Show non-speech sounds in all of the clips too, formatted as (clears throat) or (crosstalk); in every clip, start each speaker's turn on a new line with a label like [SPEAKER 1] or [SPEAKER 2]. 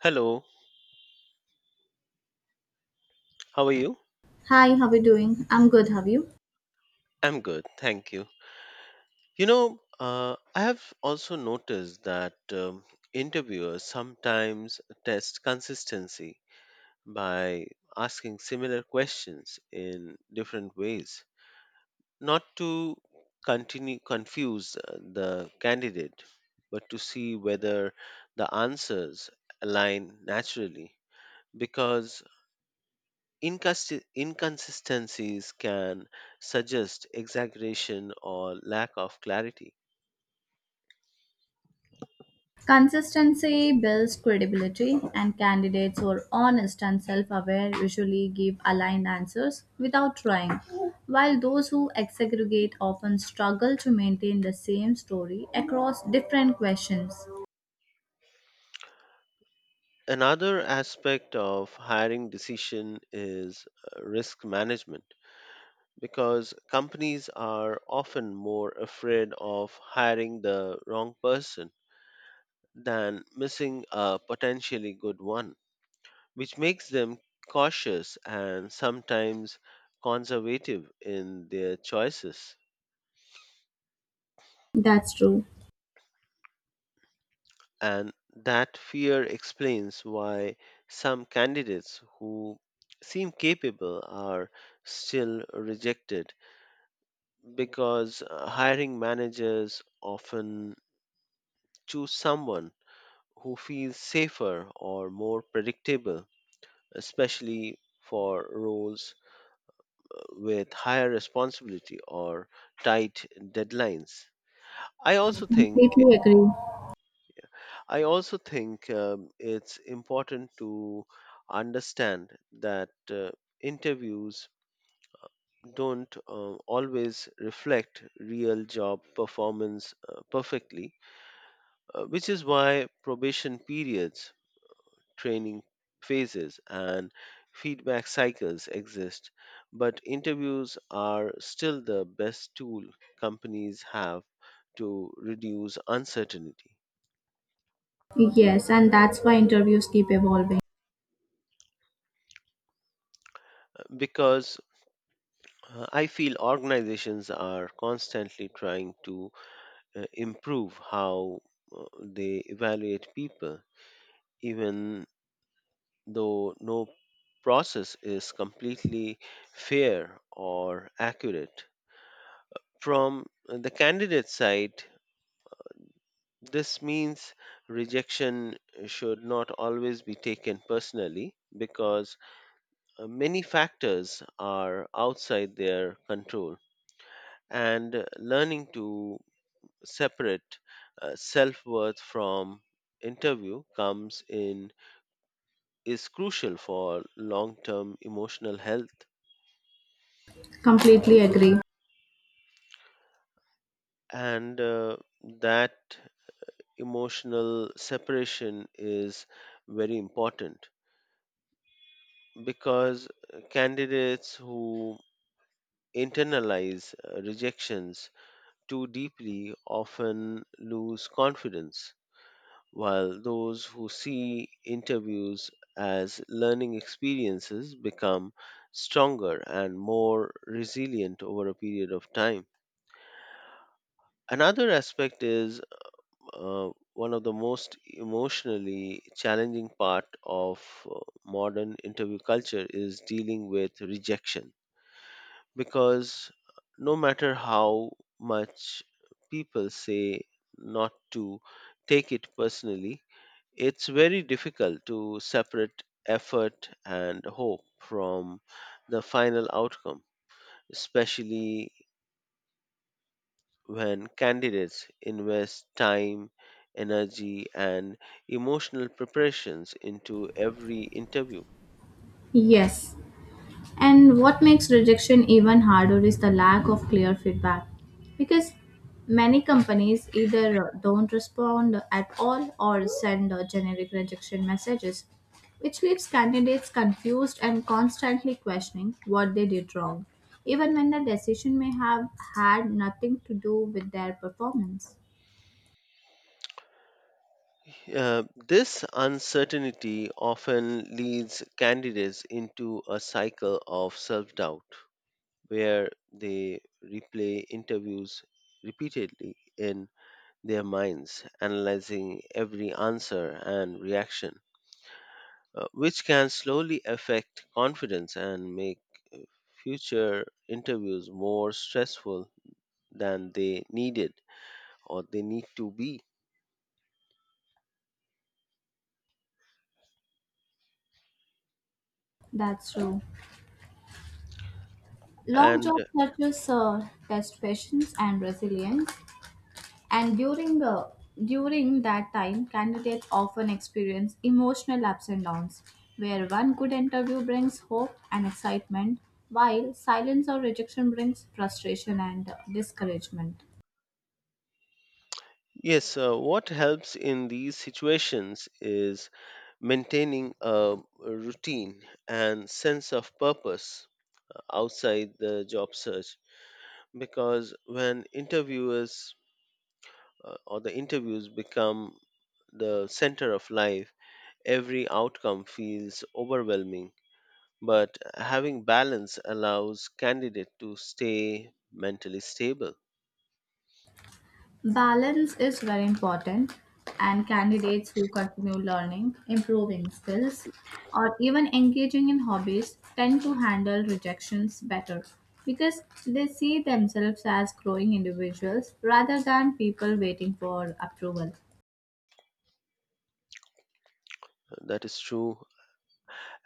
[SPEAKER 1] Hello, how are you?
[SPEAKER 2] Hi, how are you doing? I'm good, how are you?
[SPEAKER 1] I'm good, thank you. I have also noticed that interviewers sometimes test consistency by asking similar questions in different ways, not to continue confuse the candidate, but to see whether the answers align naturally. Because inconsistencies can suggest exaggeration or lack of clarity.
[SPEAKER 2] Consistency builds credibility, and candidates who are honest and self aware usually give aligned answers without trying, while those who exaggerate often struggle to maintain the same story across different questions.
[SPEAKER 1] Another aspect of hiring decision is risk management because companies are often more afraid of hiring the wrong person than missing a potentially good one, which makes them cautious and sometimes conservative in their choices.
[SPEAKER 2] That's true.
[SPEAKER 1] And that fear explains why some candidates who seem capable are still rejected because hiring managers often choose someone who feels safer or more predictable, especially for roles with higher responsibility or tight deadlines. I also think
[SPEAKER 2] Completely agree.
[SPEAKER 1] I also think it's important to understand that interviews don't always reflect real job performance perfectly, which is why probation periods, training phases, and feedback cycles exist. But interviews are still the best tool companies have to reduce uncertainty
[SPEAKER 2] Yes, and that's why interviews keep evolving.
[SPEAKER 1] because I feel organizations are constantly trying to improve how they evaluate people, even though no process is completely fair or accurate. From the candidate side, this means rejection should not always be taken personally because many factors are outside their control and learning to separate self worth from interview comes in is crucial for long term emotional health
[SPEAKER 2] Completely agree.
[SPEAKER 1] and that emotional separation is very important because candidates who internalize rejections too deeply often lose confidence while those who see interviews as learning experiences become stronger and more resilient over a period of time. Another aspect is uh, one of the most emotionally challenging part of uh, modern interview culture is dealing with rejection because no matter how much people say not to take it personally, it's very difficult to separate effort and hope from the final outcome, especially when candidates invest time, energy, and emotional preparations into every interview.
[SPEAKER 2] Yes. And what makes rejection even harder is the lack of clear feedback. Because many companies either don't respond at all or send generic rejection messages, which leaves candidates confused and constantly questioning what they did wrong, even when the decision may have had nothing to do with their performance.
[SPEAKER 1] This uncertainty often leads candidates into a cycle of self doubt where they replay interviews repeatedly in their minds, analyzing every answer and reaction, which can slowly affect confidence and make future interviews more stressful than they needed or they need to be.
[SPEAKER 2] That's true. Long
[SPEAKER 1] And
[SPEAKER 2] job searches test patience and resilience. And during that time, candidates often experience emotional ups and downs, where one good interview brings hope and excitement, while silence or rejection brings frustration and discouragement.
[SPEAKER 1] yes, what helps in these situations is maintaining a routine and sense of purpose outside the job search because when interviewers or the interviews become the center of life every outcome feels overwhelming but having balance allows candidate to stay mentally stable.
[SPEAKER 2] Balance is very important, and candidates who continue learning, improving skills, or even engaging in hobbies tend to handle rejections better because they see themselves as growing individuals rather than people waiting for approval.
[SPEAKER 1] That is true.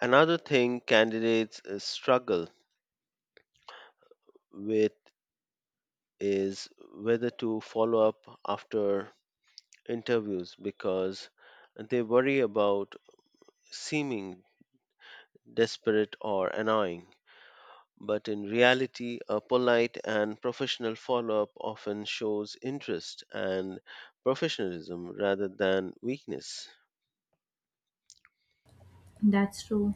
[SPEAKER 1] Another thing candidates struggle with is whether to follow up after interviews because they worry about seeming desperate or annoying. But in reality, a polite and professional follow up often shows interest and professionalism rather than weakness.
[SPEAKER 2] That's true.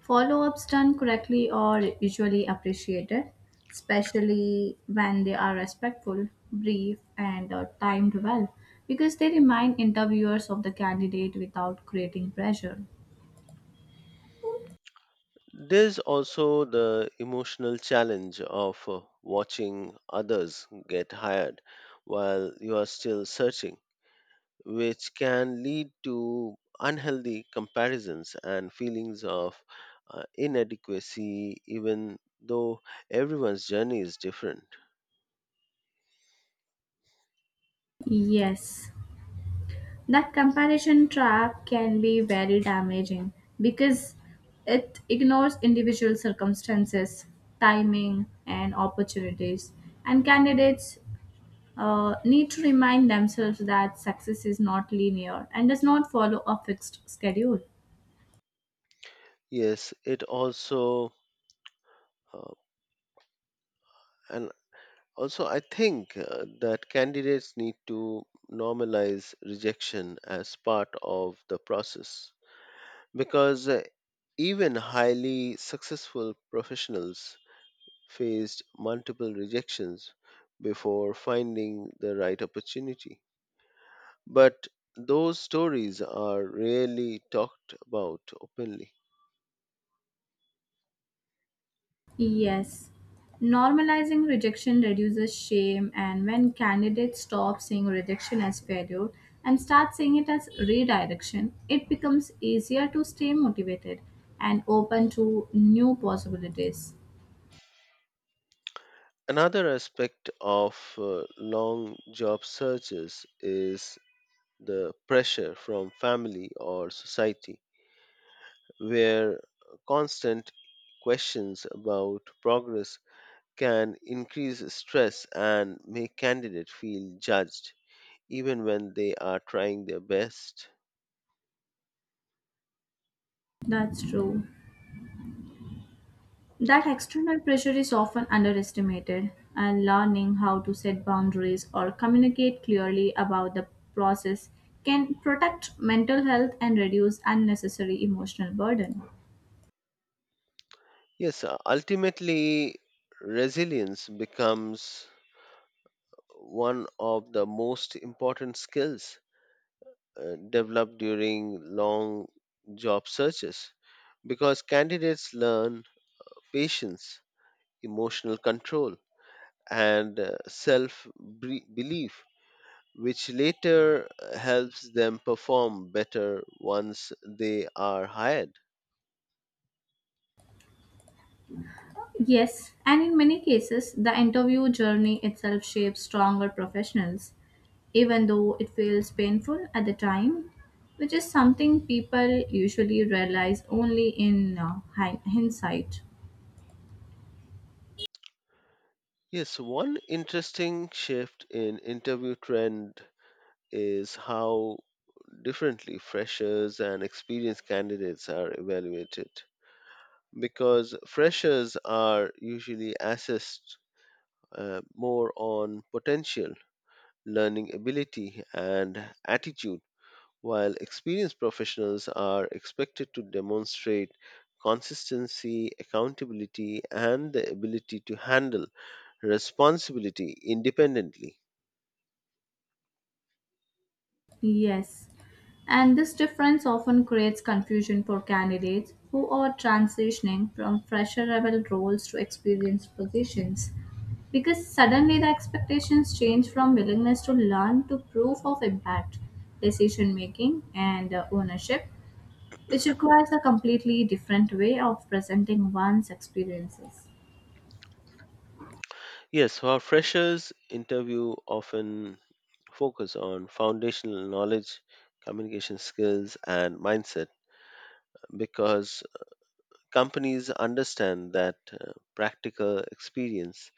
[SPEAKER 2] Follow ups done correctly are usually appreciated, especially when they are respectful, brief, and timed well, because they remind interviewers of the candidate without creating pressure.
[SPEAKER 1] There's also the emotional challenge of watching others get hired while you are still searching which can lead to unhealthy comparisons and feelings of inadequacy, even though everyone's journey is different.
[SPEAKER 2] Yes, that comparison trap can be very damaging because it ignores individual circumstances, timing, and opportunities, and candidates need to remind themselves that success is not linear and does not follow a fixed schedule.
[SPEAKER 1] Yes, it also, uh, and also, I think that candidates need to normalize rejection as part of the process because even highly successful professionals faced multiple rejections before finding the right opportunity. But those stories are rarely talked about openly.
[SPEAKER 2] Yes. Normalizing rejection reduces shame, and when candidates stop seeing rejection as failure and start seeing it as redirection, it becomes easier to stay motivated and open to new possibilities.
[SPEAKER 1] Another aspect of long job searches is the pressure from family or society, where constant questions about progress can increase stress and make candidates feel judged, even when they are trying their best.
[SPEAKER 2] That's true. That external pressure is often underestimated, and learning how to set boundaries or communicate clearly about the process can protect mental health and reduce unnecessary emotional burden.
[SPEAKER 1] Yes, ultimately, resilience becomes one of the most important skills developed during long job searches because candidates learn patience, emotional control, and self belief, which later helps them perform better once they are hired.
[SPEAKER 2] Yes, and in many cases, the interview journey itself shapes stronger professionals, even though it feels painful at the time, which is something people usually realize only in hindsight.
[SPEAKER 1] Yes, one interesting shift in interview trend is how differently freshers and experienced candidates are evaluated. Because freshers are usually assessed more on potential, learning ability, and attitude, while experienced professionals are expected to demonstrate consistency, accountability, and the ability to handle responsibility independently.
[SPEAKER 2] Yes, and this difference often creates confusion for candidates who are transitioning from fresher level roles to experienced positions because suddenly the expectations change from willingness to learn to proof of impact, decision making, and ownership, which requires a completely different way of presenting one's experiences.
[SPEAKER 1] Yes, so our freshers interview often focus on foundational knowledge, communication skills, and mindset because companies understand that practical experience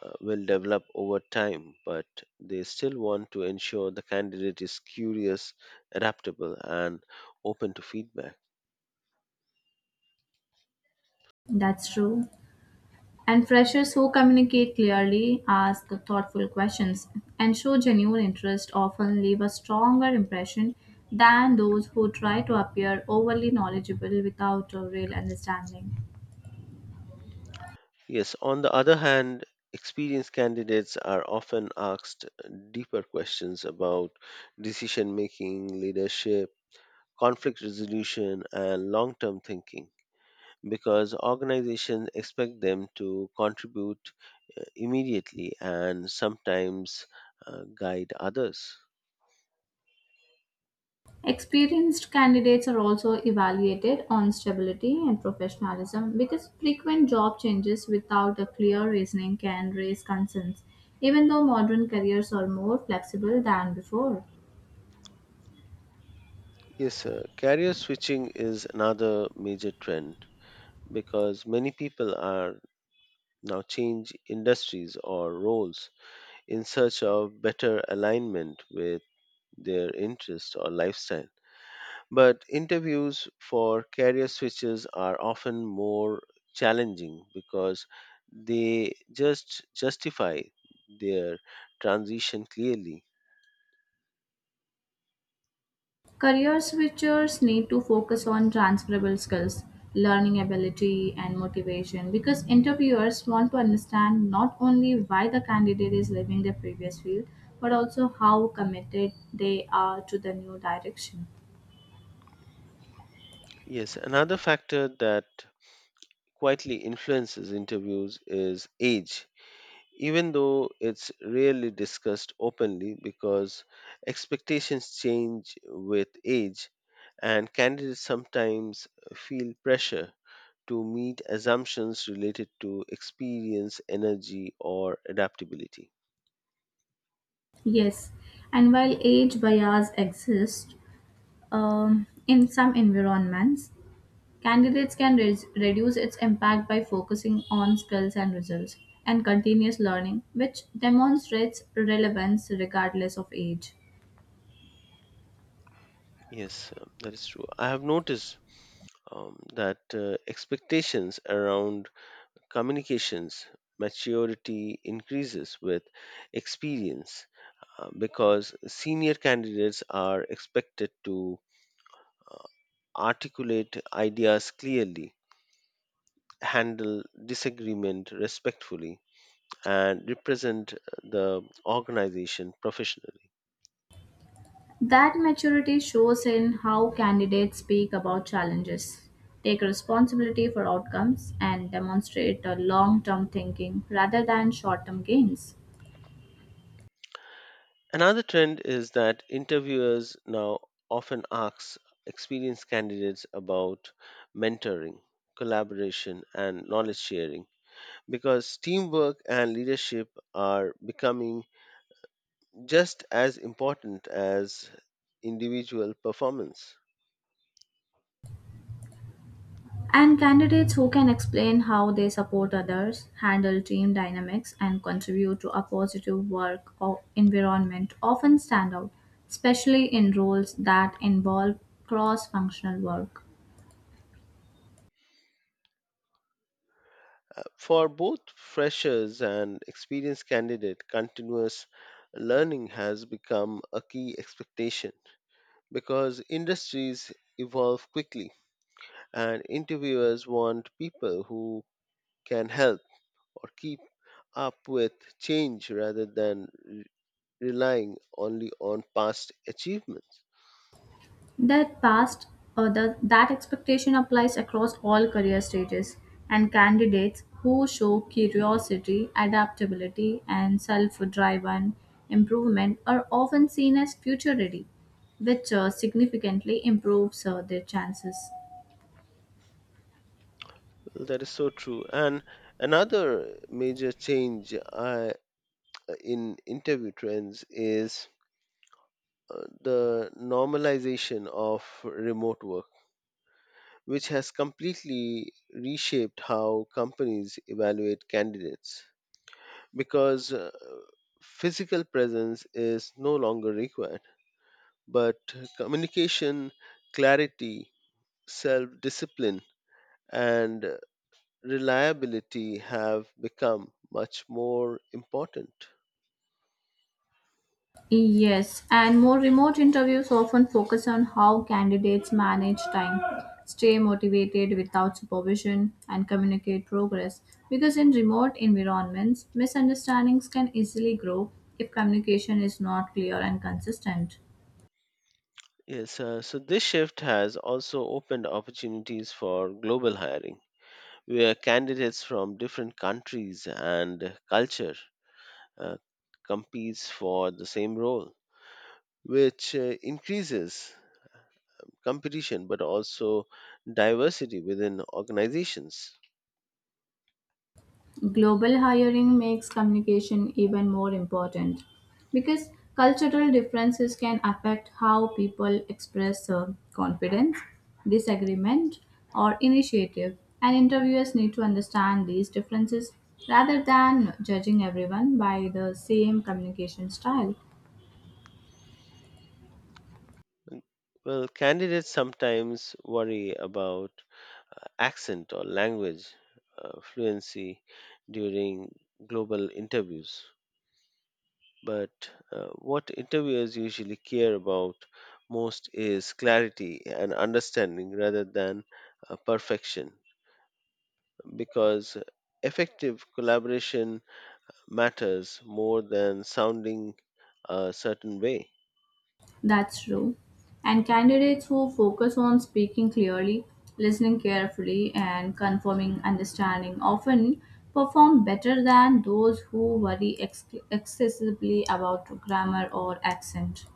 [SPEAKER 1] will develop over time, but they still want to ensure the candidate is curious, adaptable, and open to feedback.
[SPEAKER 2] That's true. And freshers who communicate clearly, ask thoughtful questions, and show genuine interest often leave a stronger impression than those who try to appear overly knowledgeable without a real understanding.
[SPEAKER 1] Yes, on the other hand, experienced candidates are often asked deeper questions about decision making, leadership, conflict resolution, and long term thinking because organizations expect them to contribute immediately and sometimes guide others.
[SPEAKER 2] Experienced candidates are also evaluated on stability and professionalism because frequent job changes without a clear reasoning can raise concerns, even though modern careers are more flexible than before.
[SPEAKER 1] Yes, sir. Career switching is another major trend because many people are now change industries or roles in search of better alignment with their interest or lifestyle. But interviews for career switches are often more challenging because they just justify their transition clearly.
[SPEAKER 2] Career switchers need to focus on transferable skills, learning ability, and motivation because interviewers want to understand not only why the candidate is leaving their previous field but also how committed they are to the new direction.
[SPEAKER 1] Yes, another factor that quietly influences interviews is age even though it's rarely discussed openly because expectations change with age and candidates sometimes feel pressure to meet assumptions related to experience, energy, or adaptability.
[SPEAKER 2] Yes, and while age bias exists in some environments, candidates can reduce its impact by focusing on skills and results and continuous learning, which demonstrates relevance regardless of age.
[SPEAKER 1] Yes, that is true. I have noticed that expectations around communications maturity increases with experience because senior candidates are expected to articulate ideas clearly, handle disagreement respectfully, and represent the organization professionally.
[SPEAKER 2] That maturity shows in how candidates speak about challenges, take responsibility for outcomes, and demonstrate a long term thinking rather than short term gains.
[SPEAKER 1] Another trend is that interviewers now often ask experienced candidates about mentoring, collaboration, and knowledge sharing because teamwork and leadership are becoming just as important as individual performance.
[SPEAKER 2] And candidates who can explain how they support others, handle team dynamics, and contribute to a positive work or environment often stand out, especially in roles that involve cross functional work.
[SPEAKER 1] For both freshers and experienced candidates, continuous learning has become a key expectation because industries evolve quickly and interviewers want people who can help or keep up with change rather than relying only on past achievements.
[SPEAKER 2] That past that expectation applies across all career stages, and candidates who show curiosity, adaptability, and self-driven improvement are often seen as future ready, which significantly improves their chances.
[SPEAKER 1] That is so true. And another major change I, in interview trends is the normalization of remote work, which has completely reshaped how companies evaluate candidates because physical presence is no longer required, but communication, clarity, self discipline, and reliability have become much more important.
[SPEAKER 2] Yes, and more remote interviews often focus on how candidates manage time, stay motivated without supervision, and communicate progress. Because in remote environments, misunderstandings can easily grow if communication is not clear and consistent.
[SPEAKER 1] Yes, so this shift has also opened opportunities for global hiring, where candidates from different countries and culture uh, competes for the same role, which increases competition but also diversity within organizations.
[SPEAKER 2] Global hiring makes communication even more important because cultural differences can affect how people express confidence, disagreement, or initiative, and interviewers need to understand these differences rather than judging everyone by the same communication style.
[SPEAKER 1] Mm, well, candidates sometimes worry about accent or language fluency during global interviews. But what interviewers usually care about most is clarity and understanding rather than perfection because effective collaboration matters more than sounding a certain way.
[SPEAKER 2] That's true. And candidates who focus on speaking clearly, listening carefully, and confirming understanding often perform better than those who worry excessively about grammar or accent.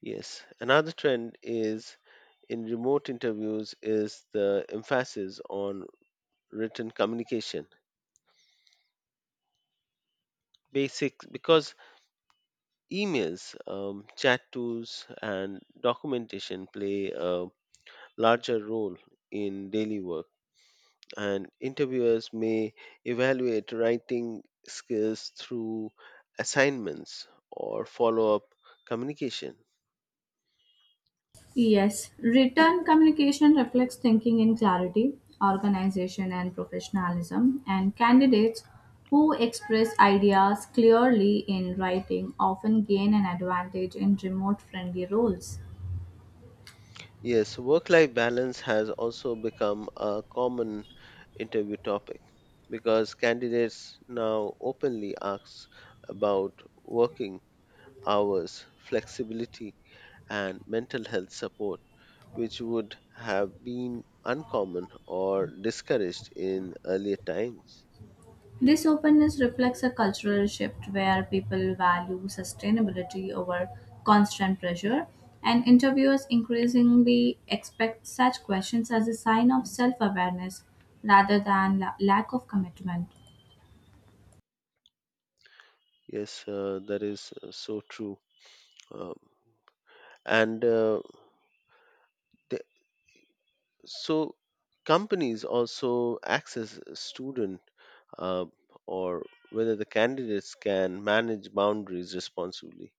[SPEAKER 1] Yes, another trend is in remote interviews is the emphasis on written communication basics, because emails, chat tools, and documentation play a larger role in daily work, and interviewers may evaluate writing skills through assignments or follow up communication.
[SPEAKER 2] Yes, written communication reflects thinking in clarity, organization, and professionalism, and candidates who express ideas clearly in writing often gain an advantage in remote friendly roles.
[SPEAKER 1] Yes, work life balance has also become a common interview topic because candidates now openly ask about working hours, flexibility, and mental health support, which would have been uncommon or discouraged in earlier times.
[SPEAKER 2] This openness reflects a cultural shift where people value sustainability over constant pressure, and interviewers increasingly expect such questions as a sign of self awareness rather than lack of commitment.
[SPEAKER 1] Yes, that is so true. Um, and uh, the, so companies also access student uh, or whether the candidates can manage boundaries responsibly,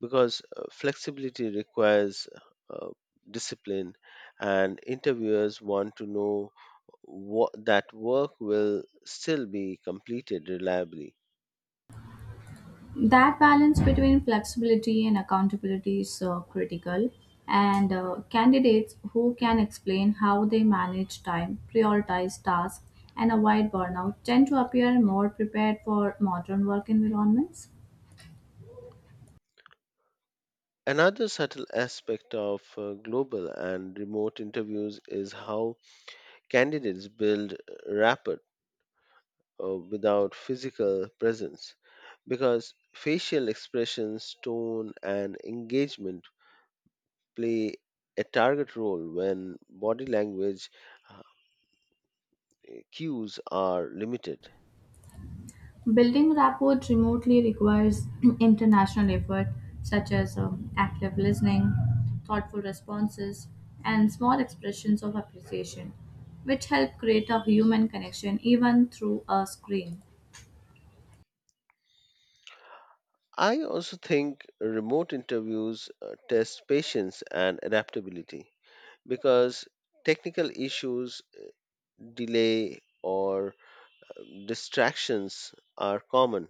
[SPEAKER 1] because flexibility requires uh, discipline and interviewers want to know what that work will still be completed reliably.
[SPEAKER 2] That balance between flexibility and accountability is critical, and candidates who can explain how they manage time, prioritize tasks, and avoid burnout tend to appear more prepared for modern work environments.
[SPEAKER 1] Another subtle aspect of global and remote interviews is how candidates build rapport without physical presence because facial expressions tone and engagement play a target role when body language queues are limited.
[SPEAKER 2] Building rapport remotely requires (clears throat) international effort, such as active listening, thoughtful responses, and small expressions of appreciation, which help create a human connection even through a screen.
[SPEAKER 1] I also think remote interviews test patience and adaptability because technical issues, delay, or distractions are common,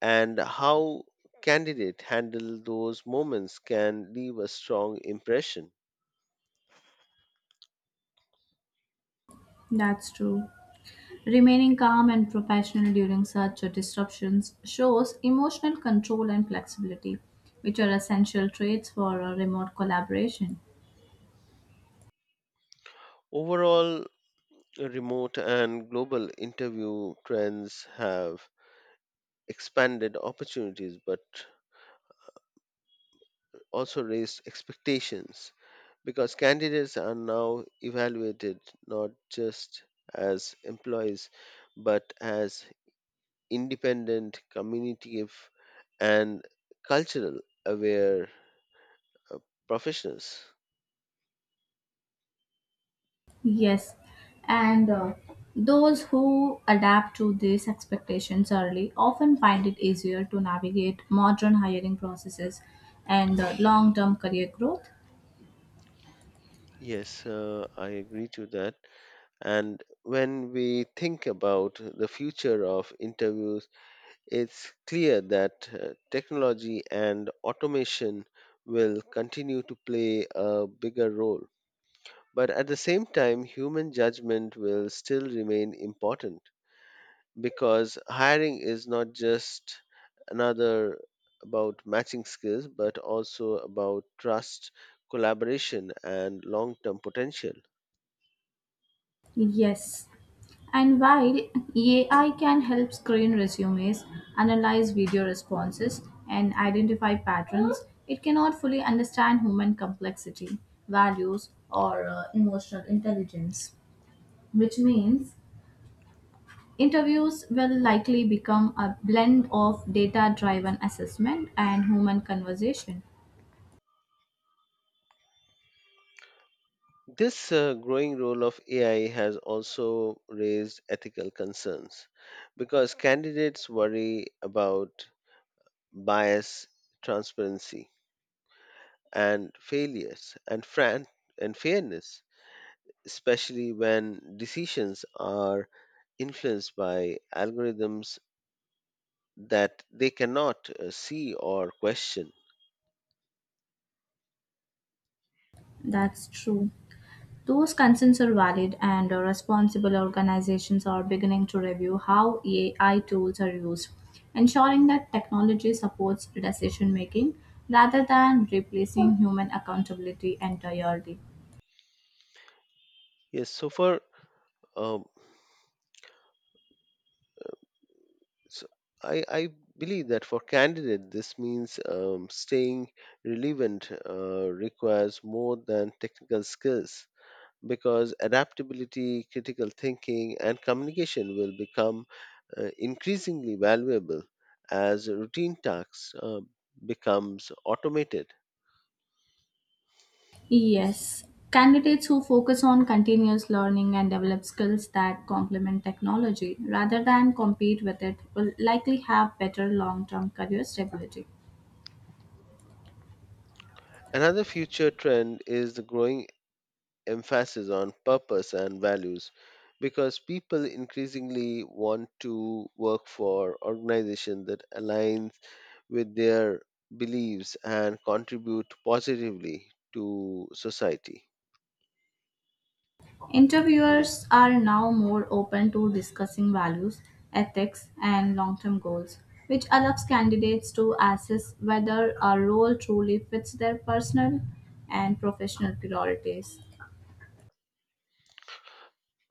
[SPEAKER 1] and how candidate handle those moments can leave a strong impression.
[SPEAKER 2] That's true. Remaining calm and professional during such disruptions shows emotional control and flexibility, which are essential traits for a remote collaboration.
[SPEAKER 1] Overall, remote and global interview trends have expanded opportunities but also raised expectations, because candidates are now evaluated not just as employees but as independent community and cultural aware uh, professionals.
[SPEAKER 2] Yes, and those who adapt to these expectations early often find it easier to navigate modern hiring processes and long term career growth.
[SPEAKER 1] Yes, I agree to that. And when we think about the future of interviews, it's clear that technology and automation will continue to play a bigger role. But at the same time, human judgment will still remain important because hiring is not just another about matching skills, but also about trust, collaboration, and long term potential.
[SPEAKER 2] Yes, and while AI can help screen resumes, analyze video responses, and identify patterns, it cannot fully understand human complexity, values, or emotional intelligence, which means interviews will likely become a blend of data driven assessment and human conversation.
[SPEAKER 1] This growing role of AI has also raised ethical concerns because candidates worry about bias, transparency, and failures, and, fran- and fairness especially when decisions are influenced by algorithms that they cannot see or question.
[SPEAKER 2] That's true. Those concerns are valid, and responsible organizations are beginning to review how AI tools are used, ensuring that technology supports decision making rather than replacing human accountability entirely.
[SPEAKER 1] Yes, so for um, so I believe that for candidate, this means staying relevant requires more than technical skills because adaptability, critical thinking, and communication will become increasingly valuable as routine tasks becomes automated.
[SPEAKER 2] Yes. Candidates who focus on continuous learning and develop skills that complement technology rather than compete with it will likely have better long term career stability.
[SPEAKER 1] Another future trend is the growing emphasis on purpose and values because people increasingly want to work for organizations that align with their beliefs and contribute positively to society.
[SPEAKER 2] Interviewers are now more open to discussing values, ethics, and long term goals, which allows candidates to assess whether a role truly fits their personal and professional priorities.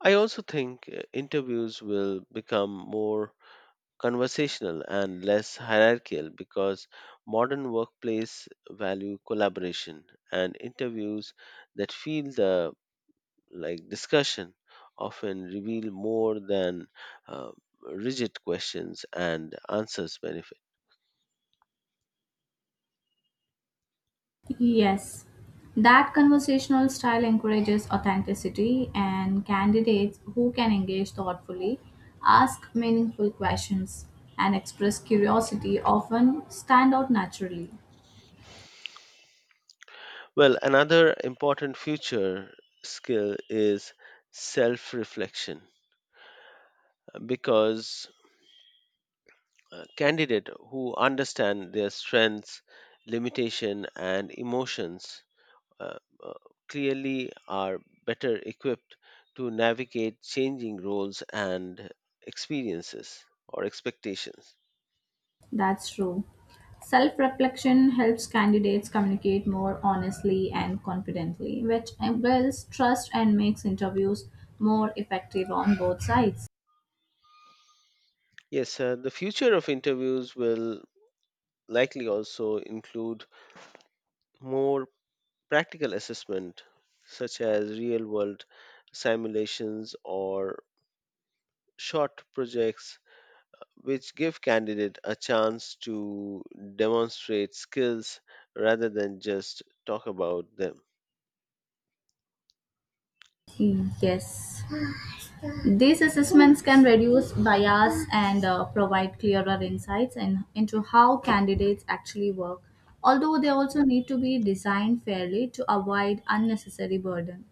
[SPEAKER 1] I also think interviews will become more conversational and less hierarchical because modern workplace value collaboration and interviews that feel the like discussion often reveal more than uh, rigid questions and answers benefit.
[SPEAKER 2] Yes, that conversational style encourages authenticity and candidates who can engage thoughtfully, ask meaningful questions, and express curiosity often stand out naturally.
[SPEAKER 1] Well, another important future skill is self reflection because candidates who understand their strengths, limitation, and emotions uh, uh, clearly are better equipped to navigate changing roles and experiences or expectations.
[SPEAKER 2] That's true. Self reflection helps candidates communicate more honestly and confidently, which builds trust and makes interviews more effective on both sides.
[SPEAKER 1] Yes, the future of interviews will likely also include more practical assessment, such as real world simulations or short projects, which give candidate a chance to demonstrate skills rather than just talk about them.
[SPEAKER 2] Hmm. Yes. These assessments can reduce bias and provide clearer insights into how candidates actually work, although they also need to be designed fairly to avoid unnecessary burden.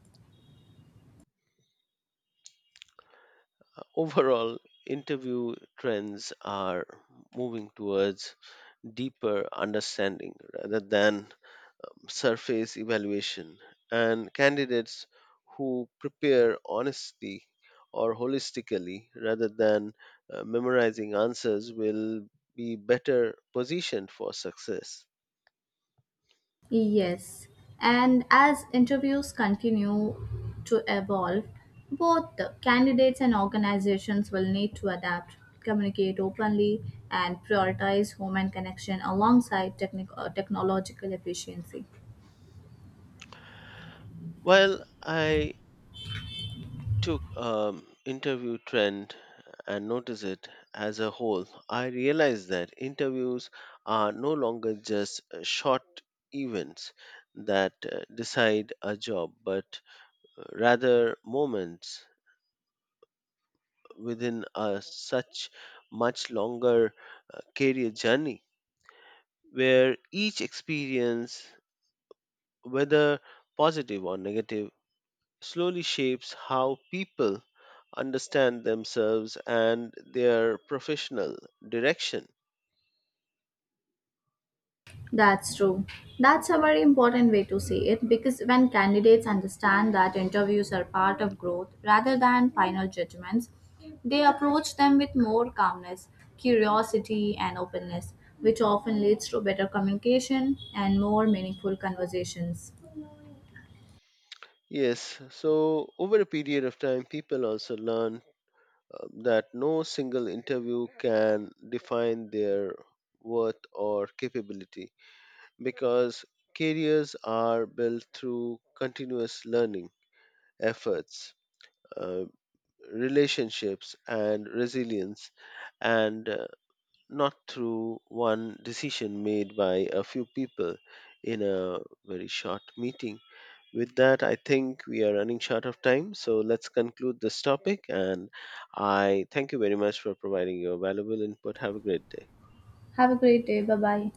[SPEAKER 1] Overall, interview trends are moving towards deeper understanding rather than surface evaluation and candidates who prepare honestly or holistically rather than memorizing answers will be better positioned for success.
[SPEAKER 2] Yes, and as interviews continue to evolve, both the candidates and organizations will need to adapt, communicate openly, and prioritize human connection alongside technological efficiency.
[SPEAKER 1] While I took interview trend and noticed it as a whole, I realized that interviews are no longer just short events that decide a job, but rather moments within a such much longer career journey where each experience, whether positive or negative, slowly shapes how people understand themselves and their professional direction.
[SPEAKER 2] That's true. That's a very important way to see it because when candidates understand that interviews are part of growth rather than final judgments, they approach them with more calmness, curiosity, and openness, which often leads to better communication and more meaningful conversations.
[SPEAKER 1] Yes, so over a period of time, people also learn that no single interview can define their worth or capability because careers are built through continuous learning, efforts, uh, relationships, and resilience, and not through one decision made by a few people in a very short meeting. With that, I think we are running short of time, so let's conclude this topic. And I thank you very much for providing your valuable input. Have a great day.
[SPEAKER 2] Have a great day. Bye bye.